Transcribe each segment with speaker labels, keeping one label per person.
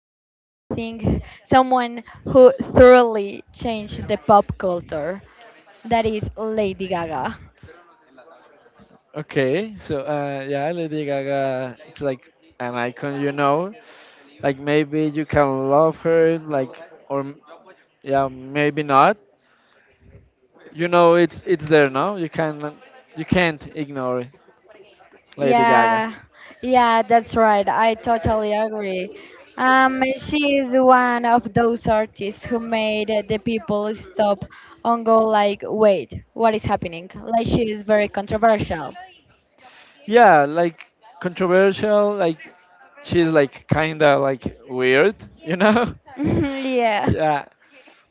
Speaker 1: something, someone who thoroughly changed the pop culture. That is Lady Gaga.
Speaker 2: Okay, so Lady Gaga, it's like an icon. Like maybe you can love her, or m- yeah, maybe not. You know, it's there, no? You can't ignore Lady Gaga.
Speaker 1: Yeah, yeah, that's right. I totally agree. She is one of those artists who made the people stop and go like, wait, what is happening? Like she is very controversial.
Speaker 2: Yeah, like controversial, like she's like kinda like weird, you know?
Speaker 1: Yeah.
Speaker 2: Yeah,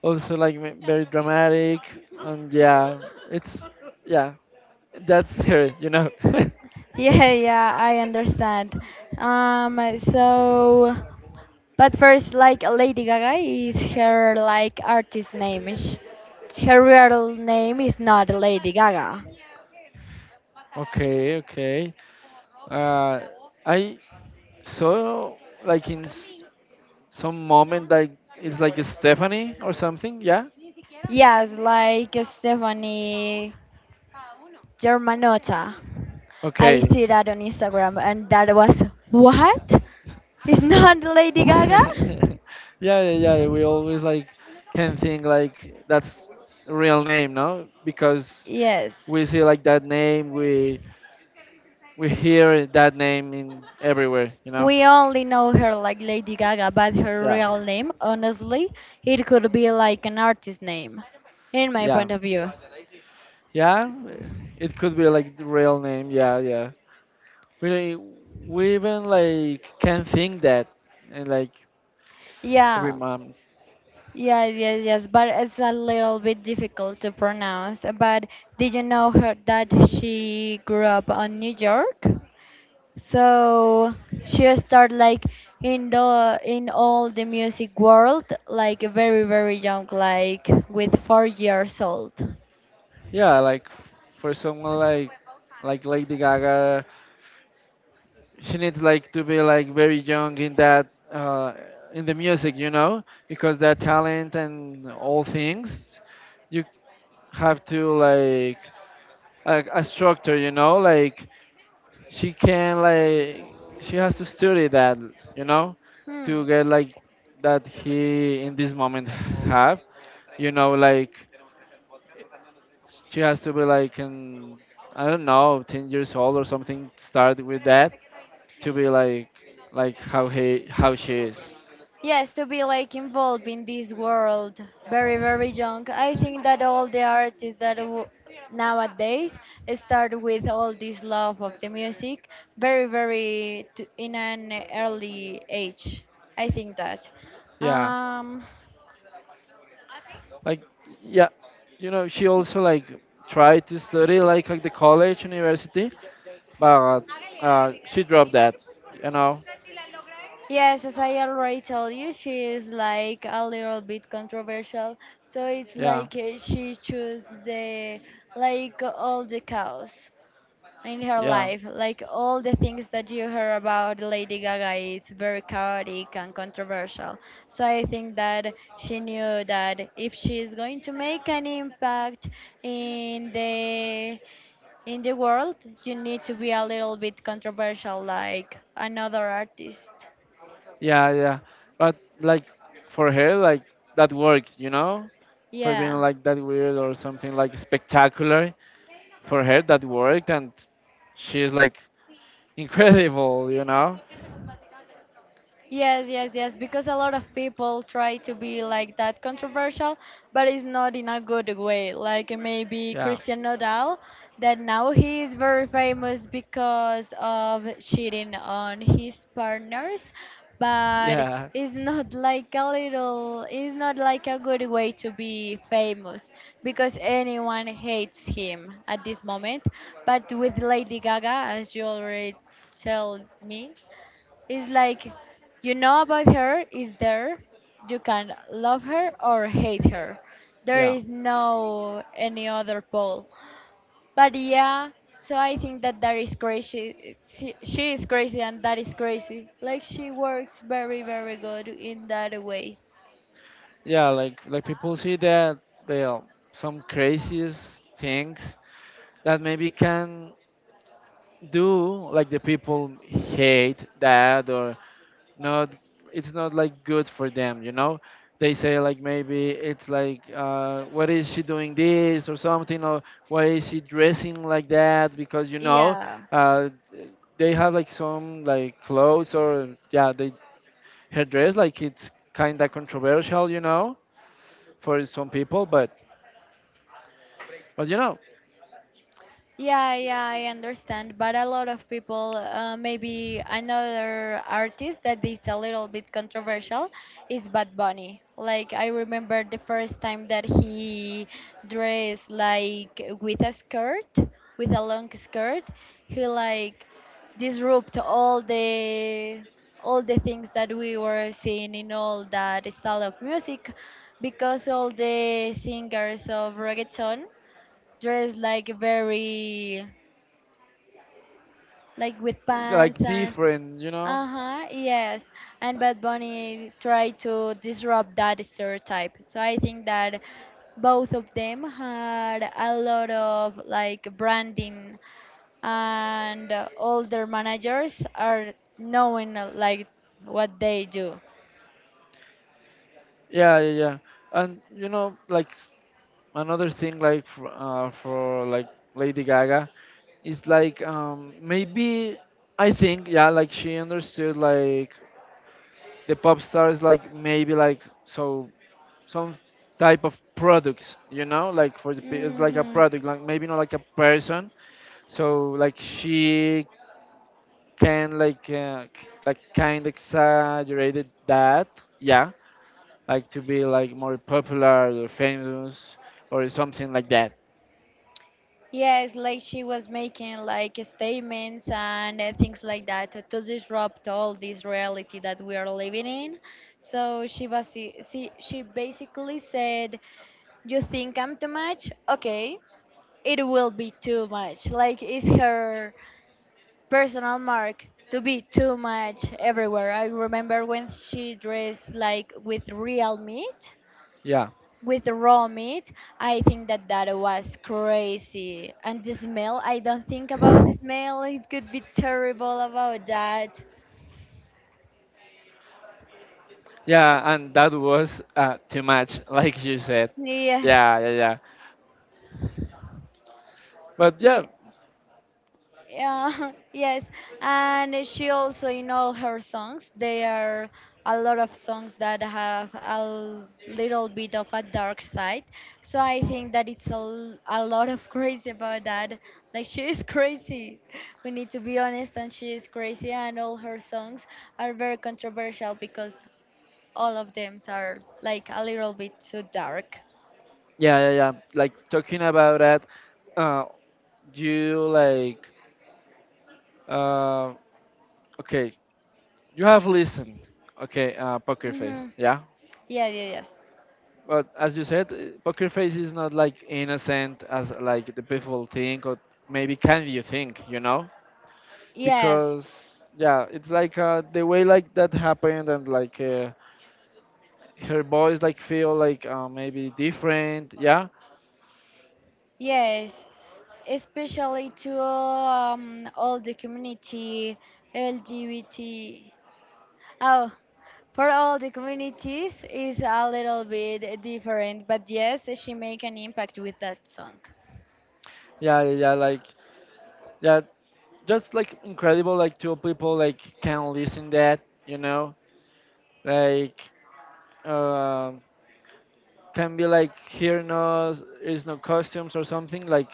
Speaker 2: also very dramatic, and yeah, it's yeah, that's her,
Speaker 1: Yeah, yeah, I understand. Um, so, but first, like Lady Gaga is her like artist name. Her real name is not Lady Gaga.
Speaker 2: Okay, okay. Uh, I saw like in s- some moment like it's like Stephanie or something. Yeah.
Speaker 1: Yes, like Stephanie Germanotta. I
Speaker 2: Okay.
Speaker 1: see that on Instagram, and that was what? It's not Lady Gaga?
Speaker 2: yeah, yeah, yeah. We always like can think like that's real name, no? Because we
Speaker 1: Yes.
Speaker 2: see like that name, we hear that name in everywhere, you know?
Speaker 1: We only know her like Lady Gaga, but her
Speaker 2: Yeah,
Speaker 1: real name, honestly, it could be like an artist name, in my
Speaker 2: yeah,
Speaker 1: point of view.
Speaker 2: yeah. It could be like the real name. Yeah, yeah. We we even like can think that and like every
Speaker 1: Yeah,
Speaker 2: mom.
Speaker 1: yes, yes, yes, but it's a little bit difficult to pronounce. But did you know her that she grew up on New York? So she started like in the in all the music world like very very young, like with 4 years old.
Speaker 2: Yeah, for someone like Lady Gaga, she needs like to be like very young in that in the music, you know, because that talent and all things, you have to like a structure, you know, like she can like she has to study that, you know,
Speaker 1: Hmm.
Speaker 2: to get like that he in this moment have, you know, like she has to be like, in, I don't know, 10 years old or something. Start with that to be like how he, how she is.
Speaker 1: Yes, to be like involved in this world very, very young. I think that all the artists that nowadays start with all this love of the music very, very in an early age. I think that.
Speaker 2: Yeah,
Speaker 1: Um,
Speaker 2: like, yeah, you know, she also like tried to study like at the college, university, but she dropped that. You know,
Speaker 1: Yes, as I already told you, she is like a little bit controversial. So it's
Speaker 2: yeah,
Speaker 1: like she chose the like all the chaos in her
Speaker 2: yeah,
Speaker 1: life, like all the things that you heard about Lady Gaga is very chaotic and controversial. So I think that she knew that if she is going to make an impact in the world, you need to be a little bit controversial, like another artist.
Speaker 2: yeah, yeah. But like for her, like that worked. You know, for being
Speaker 1: Yeah.
Speaker 2: like that weird or something like spectacular. For her, that worked, and she's like incredible, you know?
Speaker 1: Yes, yes, yes, because a lot of people try to be like that controversial, but it's not in a good way. Like maybe
Speaker 2: Yeah,
Speaker 1: Christian Nodal, that now he is very famous because of cheating on his partners, but
Speaker 2: yeah,
Speaker 1: it's not like a little, it's not like a good way to be famous because anyone hates him at this moment. But with Lady Gaga, as you already tell me, it's like you know about her is there. You can love her or hate her. There
Speaker 2: yeah,
Speaker 1: is no any other pole. But yeah, so I think that that is crazy. She is crazy and that is crazy. Like she works very very good in that way.
Speaker 2: yeah. Like people see that they are some craziest things that maybe can do like the people hate that or not. It's not like good for them, you know. They say like maybe it's like what is she doing this or something or why is she dressing like that because you know
Speaker 1: Yeah.
Speaker 2: uh, they have like some like clothes or yeah they her dress like it's kind of controversial you know for some people but you know
Speaker 1: Yeah, yeah, I understand. But a lot of people, maybe another artist that is a little bit controversial is Bad Bunny. Like, I remember the first time that he dressed like with a skirt, with a long skirt, he like disrupt all the things that we were seeing in all that style of music because all the singers of reggaeton dressed like very like with pants
Speaker 2: like
Speaker 1: and
Speaker 2: different you know
Speaker 1: uh-huh, yes, and Bad Bunny tried to disrupt that stereotype, so I think that both of them had a lot of like branding and all their managers are knowing like what they do.
Speaker 2: yeah yeah yeah and you know another thing like for Lady Gaga is like maybe I think yeah like she understood like the pop stars like maybe like so some type of products you know like it's like a
Speaker 1: Hmm.
Speaker 2: product like maybe not like a person so like she can like like kind exaggerated that yeah like to be like more popular or famous or something like that
Speaker 1: Yes, like she was making like statements and things like that to disrupt all this reality that we are living in. So she was she basically said, "You think I'm too much? Okay, it will be too much." Like it's her personal mark to be too much everywhere. I remember when she dressed like with real meat,
Speaker 2: yeah
Speaker 1: with the raw meat. I think that that was crazy. And the smell, I don't think about the smell. It could be terrible about that.
Speaker 2: yeah and that was too much like you said
Speaker 1: Yes.
Speaker 2: yeah yeah yeah but yeah
Speaker 1: Yeah, yes. And she also, in all her songs, there are a lot of songs that have a little bit of a dark side. So I think that it's a, a lot of crazy about that. Like, she is crazy. We need to be honest, and she is crazy. And all her songs are very controversial because all of them are, like, a little bit too dark.
Speaker 2: yeah yeah yeah like talking about that uh you like uh okay you have listened okay poker face
Speaker 1: Mm-hmm.
Speaker 2: yeah.
Speaker 1: Yeah, yeah, yes.
Speaker 2: But as you said, poker face is not like innocent as like the people think, or maybe can you think, you know?
Speaker 1: Yes,
Speaker 2: Because yeah, it's like the way like that happened, and like her voice like feel like maybe different. Yeah,
Speaker 1: yes, especially to all the community LGBT. Oh, for all the communities is a little bit different, but yes, she make an impact with that song.
Speaker 2: yeah, yeah, yeah, like yeah, just like incredible. Like two people like can listen that, you know, like um can be like here no is no costumes or something like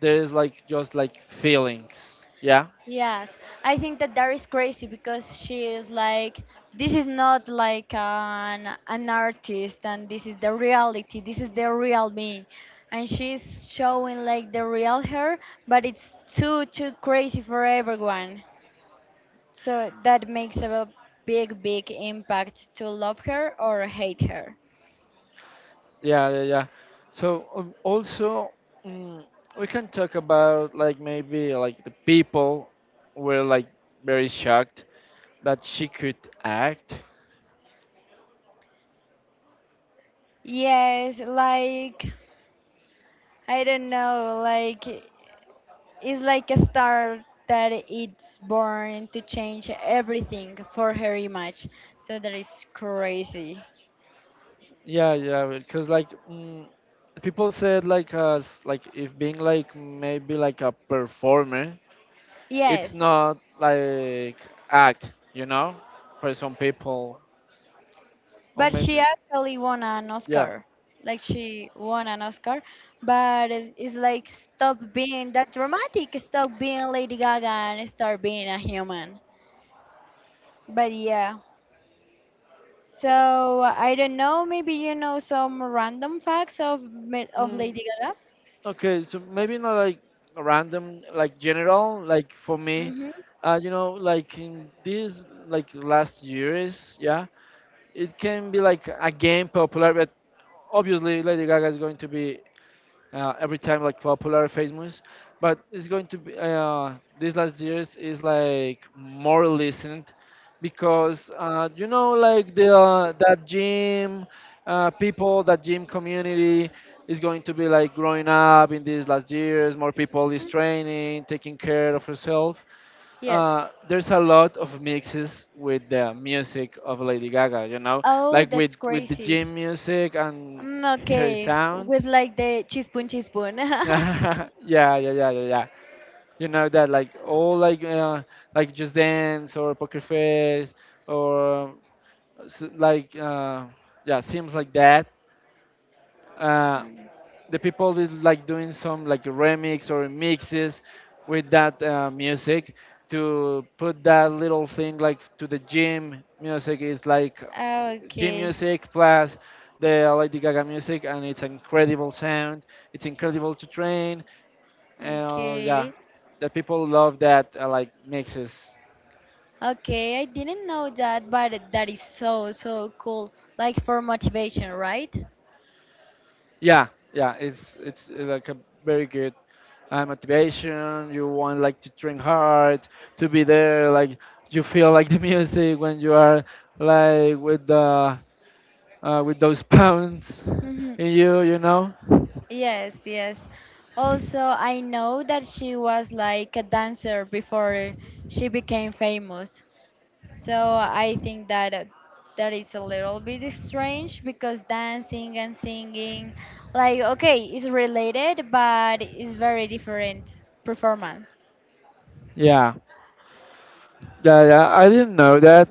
Speaker 2: there's like just like feelings. Yeah,
Speaker 1: Yes, I think that that is crazy because she is like, this is not like an artist, and this is the reality. This is the real me, and she's showing like the real her, but it's too too crazy for everyone. So that makes a big big impact to love her or hate her.
Speaker 2: yeah, yeah, yeah. So also mm, we can talk about like maybe like the people were like very shocked that she could act.
Speaker 1: Yes, like I don't know, like. It's like a star that it's born to change everything for her image. So that is crazy.
Speaker 2: Yeah, yeah, because like mm, people said like as like if being like maybe like a performer, it's
Speaker 1: Yes,
Speaker 2: not like act, you know, for some people or
Speaker 1: but she
Speaker 2: maybe
Speaker 1: actually won an
Speaker 2: yeah.
Speaker 1: Oscar. Like she won an Oscar, but it's like stop being that dramatic, stop being Lady Gaga and start being a human. But yeah. So I don't know, maybe you know some random facts of of
Speaker 2: Mm,
Speaker 1: Lady Gaga?
Speaker 2: okay, so maybe not like random, like general, like for me,
Speaker 1: Mhm.
Speaker 2: you know, like in these like last years, yeah, it can be like again popular, but obviously Lady Gaga is going to be every time like popular famous but it's going to be these last years is like more listened because you know like the that gym people that gym community is going to be like growing up in these last years more people is
Speaker 1: Mhm.
Speaker 2: training taking care of herself
Speaker 1: Yes.
Speaker 2: there's a lot of mixes with the music of Lady Gaga you know
Speaker 1: Oh,
Speaker 2: like with
Speaker 1: that's
Speaker 2: with the
Speaker 1: crazy.
Speaker 2: gym music and
Speaker 1: Mm,
Speaker 2: her
Speaker 1: okay, with
Speaker 2: sounds.
Speaker 1: like the cheespoon, cheespoon.
Speaker 2: Yeah, yeah, yeah, yeah, yeah. You know that like all like just dance or poker face or s- like uh, yeah themes like that. Uh, the people is like doing some like remix or mixes with that music to put that little thing like to the gym music. It's like s- gym
Speaker 1: Okay,
Speaker 2: music plus the Lady Gaga music and it's incredible sound. It's incredible to train yeah,
Speaker 1: okay,
Speaker 2: the people love that like mixes.
Speaker 1: okay. I didn't know that, but that is so, so cool. Like for motivation, right?
Speaker 2: Yeah, yeah, it's like a very good motivation. You want like to train hard, to be there. Like you feel like the music when you are like with the with those pounds
Speaker 1: Mhm.
Speaker 2: in you. You know.
Speaker 1: Yes, yes. Also, I know that she was like a dancer before she became famous. So I think that that is a little bit strange because dancing and singing, like, okay, it's related, but it's very different performance.
Speaker 2: Yeah, yeah, yeah. I didn't know that.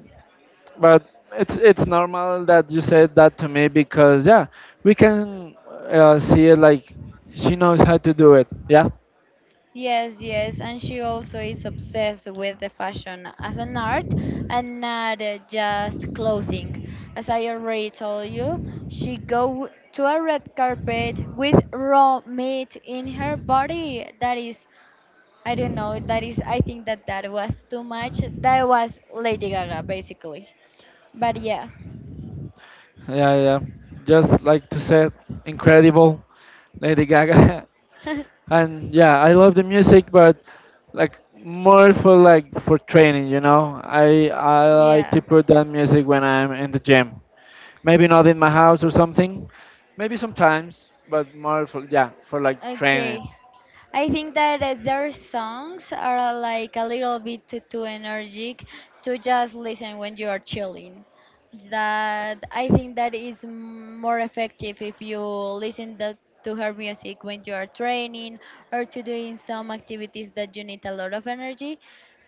Speaker 2: But it's normal that you said that to me because yeah, we can see it like she knows how to do it. Yeah,
Speaker 1: Yes, yes, and she also is obsessed with the fashion as an art and not just clothing. As I already told you, she go to a red carpet with raw meat in her body. That is I don't know. That is, I think that that was too much. That was Lady Gaga, basically. But yeah.
Speaker 2: yeah, yeah. Just like to say, incredible, Lady Gaga, and yeah, I love the music, but like more for like for training. You know, I like to
Speaker 1: Yeah.
Speaker 2: put that music when I'm in the gym. Maybe not in my house or something. Maybe sometimes, but more for yeah for like training.
Speaker 1: Okay. I think that their songs are like a little bit too, too energetic to just listen when you are chilling. That I think that is more effective if you listen the, to her music when you are training or to doing some activities that you need a lot of energy.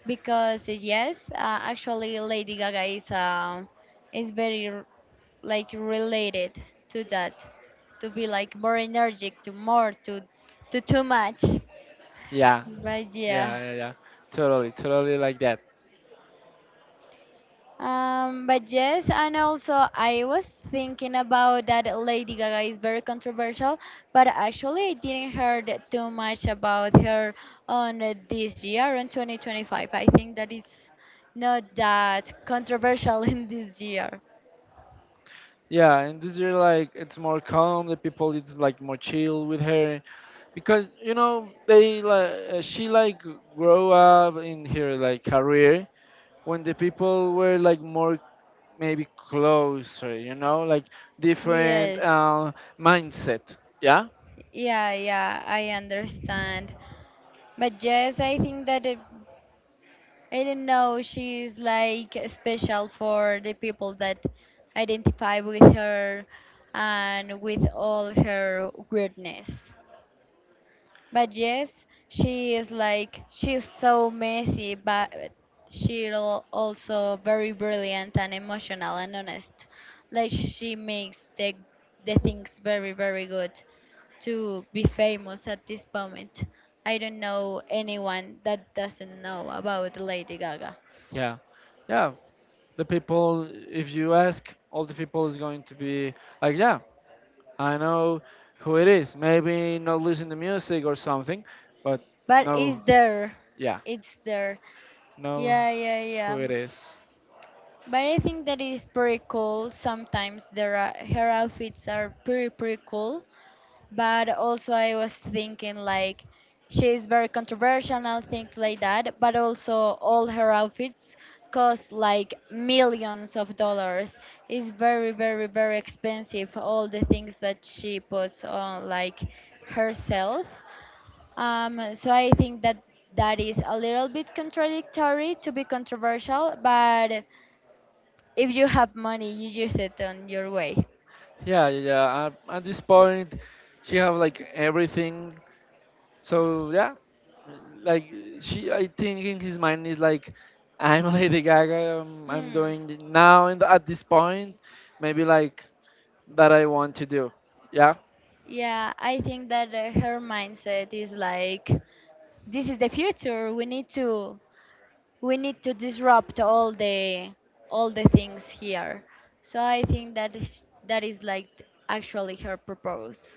Speaker 1: Because yes, actually, Lady Gaga is very like related to that, to be like more energetic, to more to too much.
Speaker 2: Yeah,
Speaker 1: But yeah.
Speaker 2: yeah, yeah, yeah. Totally, totally like that.
Speaker 1: But yes, and also I was thinking about that Lady Gaga is very controversial, but actually I didn't heard too much about her on this year on 2025. I think that it's not that controversial in this year.
Speaker 2: Yeah, and this year like it's more calm. The people it's like more chill with her because you know they like she like grow up in her like career when the people were like more maybe closer. You know, like different
Speaker 1: Yes.
Speaker 2: mindset. Yeah,
Speaker 1: Yeah, yeah, I understand. But yes, I think that it, I don't know. She's like special for the people that identify with her and with all her weirdness. But yes, she is like she's so messy, but she's also very brilliant and emotional and honest. Like she makes the things very very good to be famous at this moment. I don't know anyone that doesn't know about Lady Gaga.
Speaker 2: yeah, yeah. The people, if you ask, all the people is going to be like, yeah, I know who it is. Maybe not listen to music or something, but
Speaker 1: But it's
Speaker 2: know,
Speaker 1: there.
Speaker 2: yeah,
Speaker 1: It's there.
Speaker 2: know
Speaker 1: Yeah, yeah,
Speaker 2: who
Speaker 1: yeah.
Speaker 2: it is.
Speaker 1: But I think that it is pretty cool. Sometimes there are her outfits are pretty pretty cool. But also I was thinking like she is very controversial and things like that. But also all her outfits cost like millions of dollars. It's very very very expensive all the things that she puts on like herself, so I think that that is a little bit contradictory to be controversial, but if you have money, you use it on your way.
Speaker 2: Yeah, yeah, yeah. At this point, she have like everything. So yeah, like she, I think in his mind is like, I'm Lady Gaga. I'm
Speaker 1: Hmm.
Speaker 2: doing it now and at this point, maybe like that I want to do. Yeah,
Speaker 1: Yeah, I think that her mindset is like, this is the future. We need to disrupt all the things here. So I think that is like actually her purpose.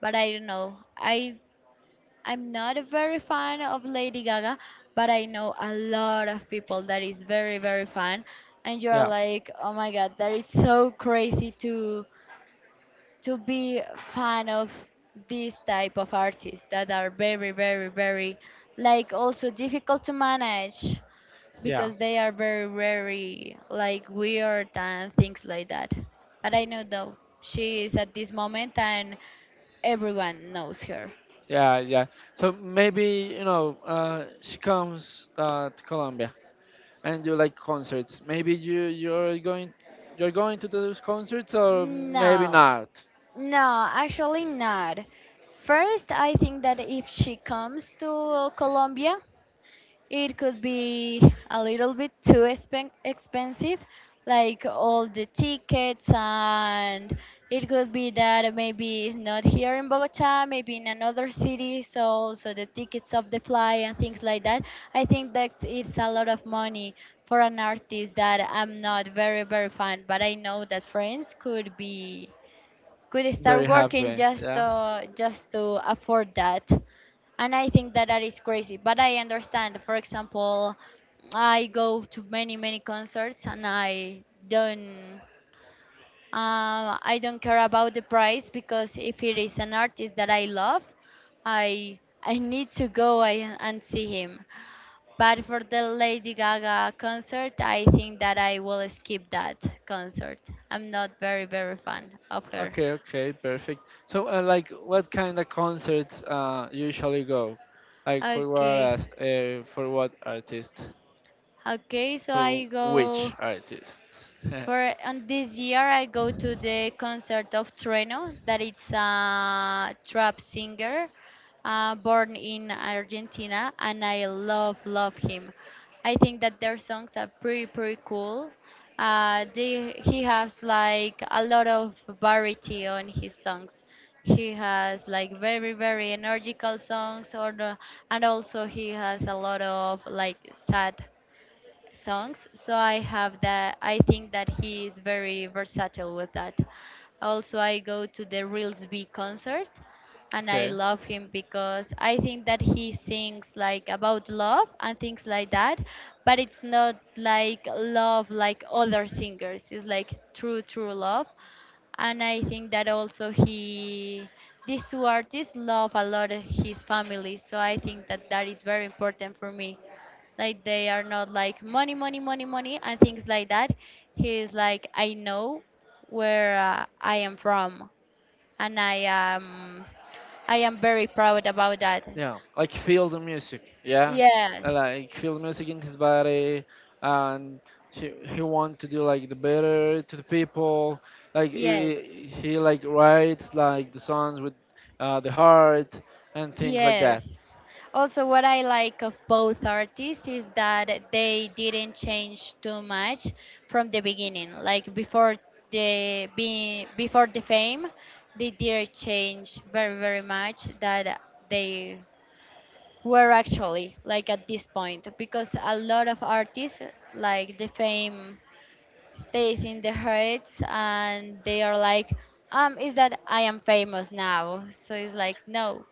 Speaker 1: But I don't know. I'm not a very fan of Lady Gaga, but I know a lot of people that is very very fan, and you're
Speaker 2: yeah,
Speaker 1: like, oh my god, that is so crazy to be fan of this type of artists that are very very very like also difficult to manage
Speaker 2: yeah.
Speaker 1: because they are very very like weird and things like that. But I know though she is at this moment and everyone knows her.
Speaker 2: Yeah, yeah. So maybe you know she comes to Colombia. And you like concerts. Maybe you're going to those concerts or maybe
Speaker 1: No.
Speaker 2: not.
Speaker 1: No, actually not. First, I think that if she comes to Colombia, it could be a little bit too expensive, like all the tickets, and it could be that maybe it's not here in Bogota, maybe in another city, so also the tickets of the fly and things like that. I think that it's a lot of money for an artist that I'm not very, very fan, but I know that friends could be could start
Speaker 2: Very
Speaker 1: working
Speaker 2: happy. Yeah.
Speaker 1: just to afford that. And I think that that is crazy, but I understand. For example, I go to many many concerts and don't I don't care about the price because if it is an artist that I love, i I need to go and see him. But for the Lady Gaga concert, I think that I will skip that concert. I'm not very very fan of her.
Speaker 2: Okay. Okay. Perfect. So, like, what kind of concerts usually go? Like,
Speaker 1: Okay.
Speaker 2: for what artist?
Speaker 1: Okay, so
Speaker 2: For
Speaker 1: I
Speaker 2: which
Speaker 1: go
Speaker 2: artist?
Speaker 1: for on this year I go to the concert of Trueno that it's a trap singer, born in Argentina, and I love him. I think that their songs are pretty pretty cool. He has like a lot of variety on his songs. He has like very very energical songs and also he has a lot of like sad songs. So I have that. I think that he is very versatile with that. Also, I go to the Reels B concert, and I
Speaker 2: Okay.
Speaker 1: love him because I think that he sings like about love and things like that. But it's not like love like other singers. It's like true, true love. And I think that also he these two artists love a lot his family, so I think that that is very important for me. Like, they are not like money money money money and things like that. He's like, I know where I am from, and I am very proud about that.
Speaker 2: Yeah, like feel the music. Yeah,
Speaker 1: Yes,
Speaker 2: like feel the music in his body, and he want to do like the better to the people. Like
Speaker 1: yes,
Speaker 2: he like writes like the songs with the heart and things like
Speaker 1: yes.
Speaker 2: that.
Speaker 1: Also, what I like of both artists is that they didn't change too much from the beginning, like before before the fame they didn't change very very much. That they were actually like at this point, because a lot of artists, like the fame stays in their heads, and they are like, is that I am famous now, so it's like, no,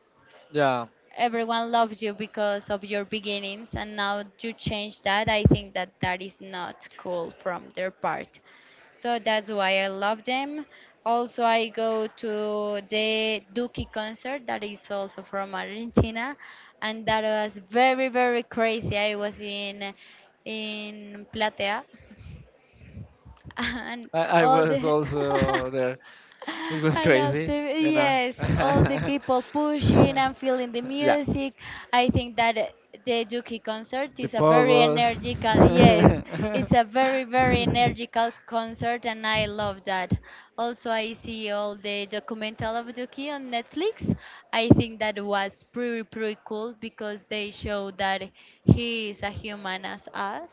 Speaker 2: Yeah,
Speaker 1: everyone loves you because of your beginnings and now you change. That, I think that that is not cool from their part. So that's why I love them. Also, I go to the Duki concert, that is also from Argentina, and that was very very crazy. I was in platea and
Speaker 2: I
Speaker 1: all
Speaker 2: was
Speaker 1: the
Speaker 2: also there. It was
Speaker 1: and all
Speaker 2: crazy,
Speaker 1: the,
Speaker 2: you know.
Speaker 1: yes, all the people pushing and feeling the
Speaker 2: Yeah,
Speaker 1: music. I think that the Yuki concert
Speaker 2: the
Speaker 1: is a very
Speaker 2: pogos.
Speaker 1: energical. Yes, it's a very very energical concert, and I love that. Also, I see all the documental of Yuki on Netflix. I think that was pretty pretty cool because they show that he is a human as us,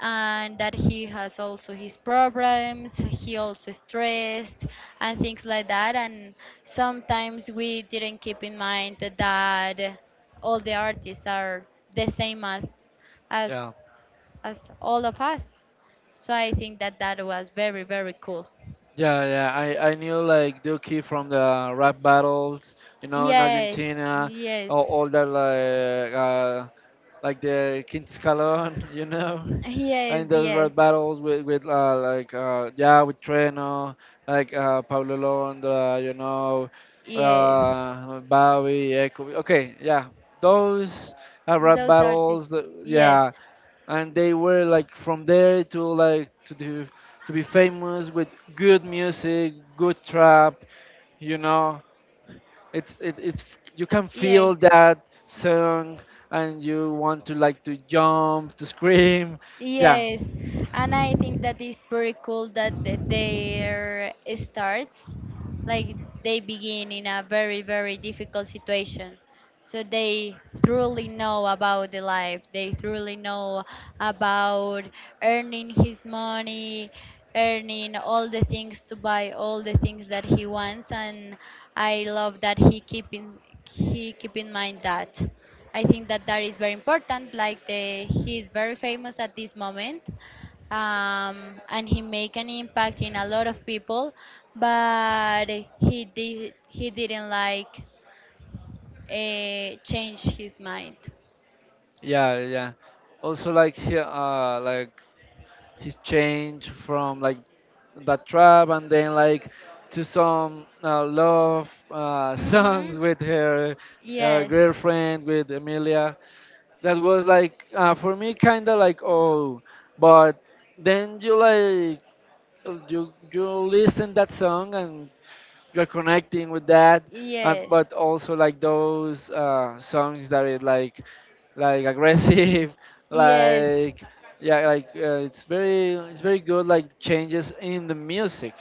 Speaker 1: and that he has also his problems. He also stressed and things like that, and sometimes we didn't keep in mind that all the artists are the same as
Speaker 2: Yeah,
Speaker 1: as as all of us. So I think that that was very very cool.
Speaker 2: yeah, yeah, I knew like Duki from the rap battles, you know, in
Speaker 1: Yes,
Speaker 2: Argentina,
Speaker 1: yes,
Speaker 2: all that like the Quintus Calon, you know,
Speaker 1: yes,
Speaker 2: and those
Speaker 1: yes,
Speaker 2: rap battles with yeah with Treno, like Pablo Londra, you know,
Speaker 1: yes,
Speaker 2: Bowie, Echo. Okay, yeah, those
Speaker 1: and
Speaker 2: rap
Speaker 1: those
Speaker 2: battles.
Speaker 1: artists, yes,
Speaker 2: Yeah, and they were like from there to like to do to be famous with good music, good trap. You know, it's you can
Speaker 1: yes.
Speaker 2: feel that song and you want to like to jump to scream. Yeah,
Speaker 1: Yes, and I think that is pretty cool that their starts, like, they begin in a very, very difficult situation, so they truly know about the life. They truly know about earning his money, earning all the things to buy all the things that he wants. And I love that he keep in mind that. I think that that is very important. Like, the he is very famous at this moment, and he make an impact in a lot of people. But he didn't like change his mind.
Speaker 2: yeah, yeah. Also like his change from like that trap and then like to some love songs
Speaker 1: Mm-hmm.
Speaker 2: with her
Speaker 1: Yes,
Speaker 2: girlfriend with Emilia that was like for me kind of like oh but then you like you listen that song and you're connecting with that and
Speaker 1: yes,
Speaker 2: but also like those songs that is like aggressive
Speaker 1: yes,
Speaker 2: like yeah like it's very it's very good like changes in the music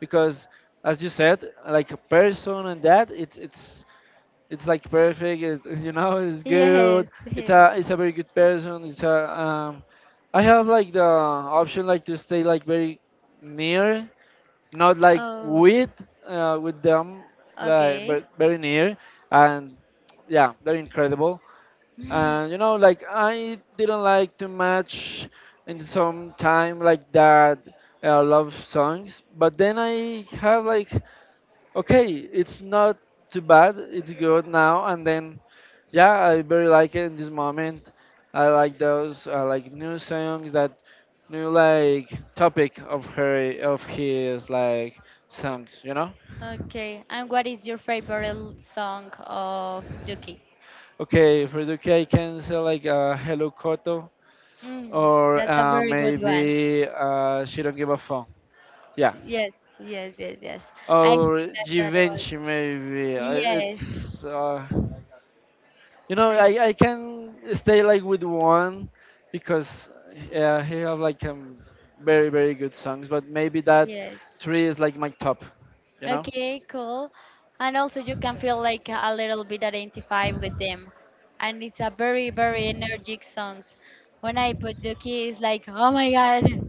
Speaker 2: because as you said like a person and that it's like perfect. It, you know, it's good.
Speaker 1: yes,
Speaker 2: It's
Speaker 1: yes.
Speaker 2: a it's a very good person. It's a I have like the option like to stay like very near, not like
Speaker 1: Oh,
Speaker 2: with them, like
Speaker 1: okay.
Speaker 2: but very near, and yeah, they're incredible. And you know, like I didn't like too much in some time like that love songs, but then I have like okay, it's not too bad. It's good now and then. Yeah, I very like it in this moment. I like those. I like new songs that new like topic of her of his like songs. You know.
Speaker 1: Okay. And what is your favorite song of Duki?
Speaker 2: Okay, for the UK, can say like Hello Koto
Speaker 1: Mm,
Speaker 2: or
Speaker 1: that's a
Speaker 2: uh,
Speaker 1: very good one.
Speaker 2: maybe uh, She Don't Give a Fuck. Yeah,
Speaker 1: Yes, yes, yes, yes. I think
Speaker 2: or
Speaker 1: that that was.
Speaker 2: Givenchy maybe.
Speaker 1: Yes.
Speaker 2: It's You know,
Speaker 1: Okay.
Speaker 2: I can stay like with one because yeah, he have like very very good songs, but maybe that
Speaker 1: Yes.
Speaker 2: three is like my top. You know?
Speaker 1: Okay, cool. And also you can feel like a little bit identified with them. And it's a very, very energetic songs. When I put Duki, it's like, oh my God.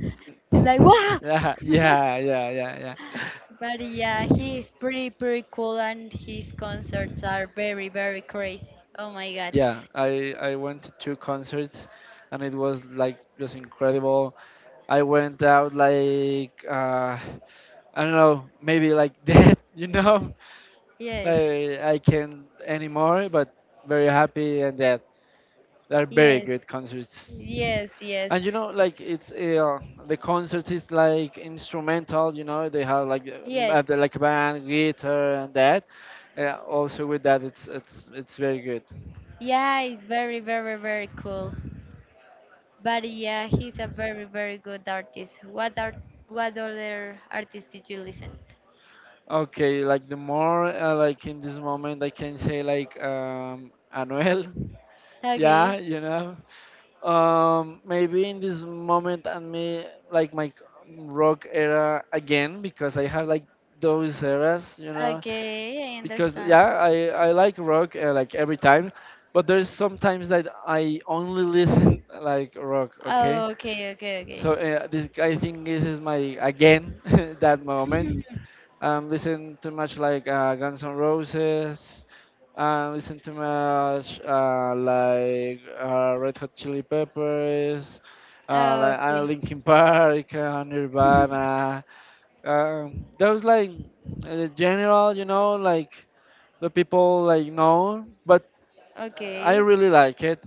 Speaker 1: It's like, wow.
Speaker 2: Yeah, yeah, yeah, yeah, yeah.
Speaker 1: But yeah, he is pretty, pretty cool and his concerts are very, very crazy. Oh my God.
Speaker 2: Yeah, I went to two concerts, and it was like just incredible. I went out like I don't know, maybe like dead. You know,
Speaker 1: Yes,
Speaker 2: like I can't anymore, but very happy and dead. They're very
Speaker 1: yes,
Speaker 2: good concerts.
Speaker 1: yes, yes,
Speaker 2: And you know, like it's the concert is like instrumental. You know, they have like
Speaker 1: yes.
Speaker 2: like band, guitar, and that. Also with that, it's very good.
Speaker 1: Yeah, it's very, very, very cool. But yeah, he's a very, very good artist. What art, what other artists did you listen to?
Speaker 2: Okay, like the more like in this moment, I can say like Anuel. Yeah,
Speaker 1: Okay,
Speaker 2: you know. Maybe in this moment and me like my rock era again because I have like those eras, you know.
Speaker 1: okay, I
Speaker 2: Because
Speaker 1: understand.
Speaker 2: yeah I like rock like every time but there's sometimes that I only listen like rock okay
Speaker 1: Oh, okay, okay, okay.
Speaker 2: so this I think this is my again that moment listen too much like Guns N' Roses listen too much Red Hot Chili Peppers
Speaker 1: Oh, okay,
Speaker 2: Linkin Park, Nirvana, those like the general, you know, like the people like no but I
Speaker 1: okay.
Speaker 2: really like it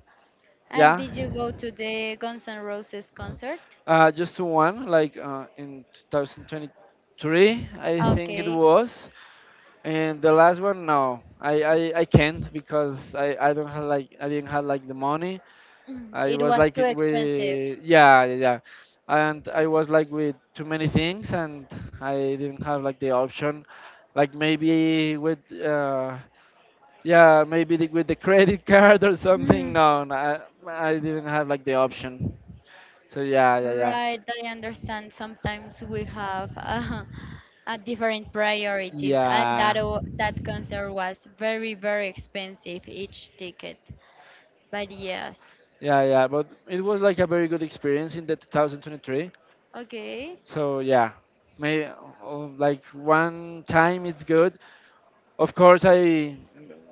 Speaker 1: And
Speaker 2: yeah
Speaker 1: did you go to the Guns N' Roses concert?
Speaker 2: just one like in 2023 I think it
Speaker 1: Okay.
Speaker 2: was and the last one no I can't because I don't have like I didn't have like the money
Speaker 1: Mm,
Speaker 2: I
Speaker 1: it
Speaker 2: was
Speaker 1: was
Speaker 2: like
Speaker 1: too expensive.
Speaker 2: with yeah yeah yeah and I was like with too many things and I didn't have like the option like maybe with yeah, maybe with the credit card or something.
Speaker 1: Mm.
Speaker 2: No, no, I didn't have like the option. So yeah, yeah, yeah,
Speaker 1: Right, I understand. Sometimes we have a different priorities, and that
Speaker 2: yeah,
Speaker 1: that concert was very, very expensive each ticket. But yes,
Speaker 2: yeah, yeah. But it was like a very good experience in the 2023.
Speaker 1: okay,
Speaker 2: So yeah, maybe like one time it's good. Of course, I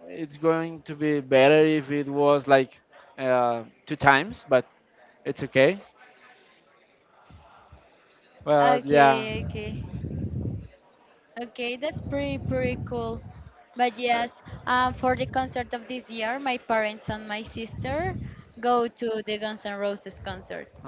Speaker 2: it's going to be better if it was like two times, but it's okay. But
Speaker 1: okay,
Speaker 2: yeah.
Speaker 1: okay, okay, that's pretty, pretty cool. But yes,
Speaker 2: Uh,
Speaker 1: for the concert of this year, my parents and my sister go to the Guns N' Roses concert.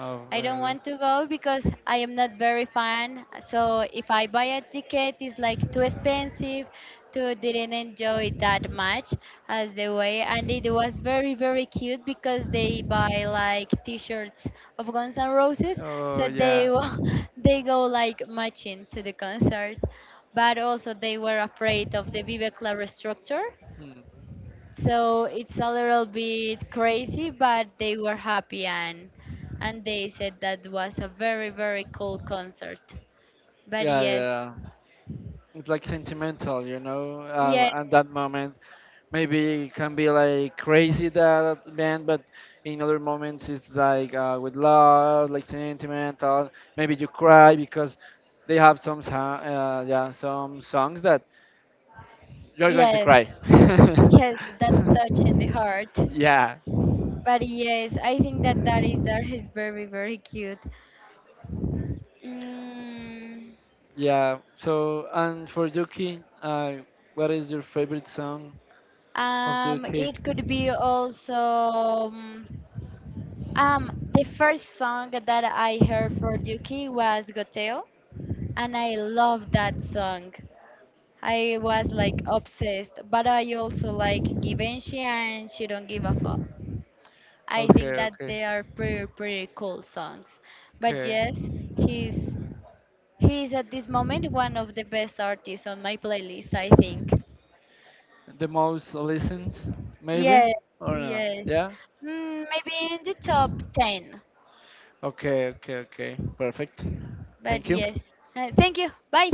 Speaker 1: I don't want
Speaker 2: very
Speaker 1: to
Speaker 2: good.
Speaker 1: go because I am not very fan. So if I buy a ticket, it's like too expensive, to didn't enjoy it that much as the way. And it was very very cute because they buy like T-shirts of Guns N' Roses, so
Speaker 2: Oh,
Speaker 1: they
Speaker 2: yeah.
Speaker 1: they go like matching to the concert. But also they were afraid of the Vive Club structure,
Speaker 2: Hmm.
Speaker 1: so it's a little bit crazy, but they were happy and they said that was a very very cool concert. But
Speaker 2: Yeah, yeah,
Speaker 1: yes,
Speaker 2: yeah. It's like sentimental, you know.
Speaker 1: yes,
Speaker 2: At that moment, maybe it can be like crazy that band, but in other moments it's like with love, like sentimental. Maybe you cry because they have some, yeah, some songs that you're going to
Speaker 1: yes,
Speaker 2: cry.
Speaker 1: yes, that touch in the heart.
Speaker 2: Yeah,
Speaker 1: But yes, I think that that is very very cute. Mm,
Speaker 2: yeah. So and for Duki, what is your favorite song of Duki?
Speaker 1: it could be also the first song that I heard for Yuki was Goteo, and I love that song. I was like obsessed, but I also like Givenchy and She Don't Give a Fuck. I think
Speaker 2: Okay,
Speaker 1: that
Speaker 2: okay,
Speaker 1: they are pretty pretty cool songs. But
Speaker 2: okay.
Speaker 1: yes, he's he's at this moment one of the best artists on my playlist, I think.
Speaker 2: The most listened,
Speaker 1: Yes,
Speaker 2: maybe or not?
Speaker 1: yes.
Speaker 2: Yeah.
Speaker 1: Mm, maybe in the top 10.
Speaker 2: Okay. Okay. Okay. Perfect.
Speaker 1: But
Speaker 2: Thank you.
Speaker 1: yes. Thank you. Bye.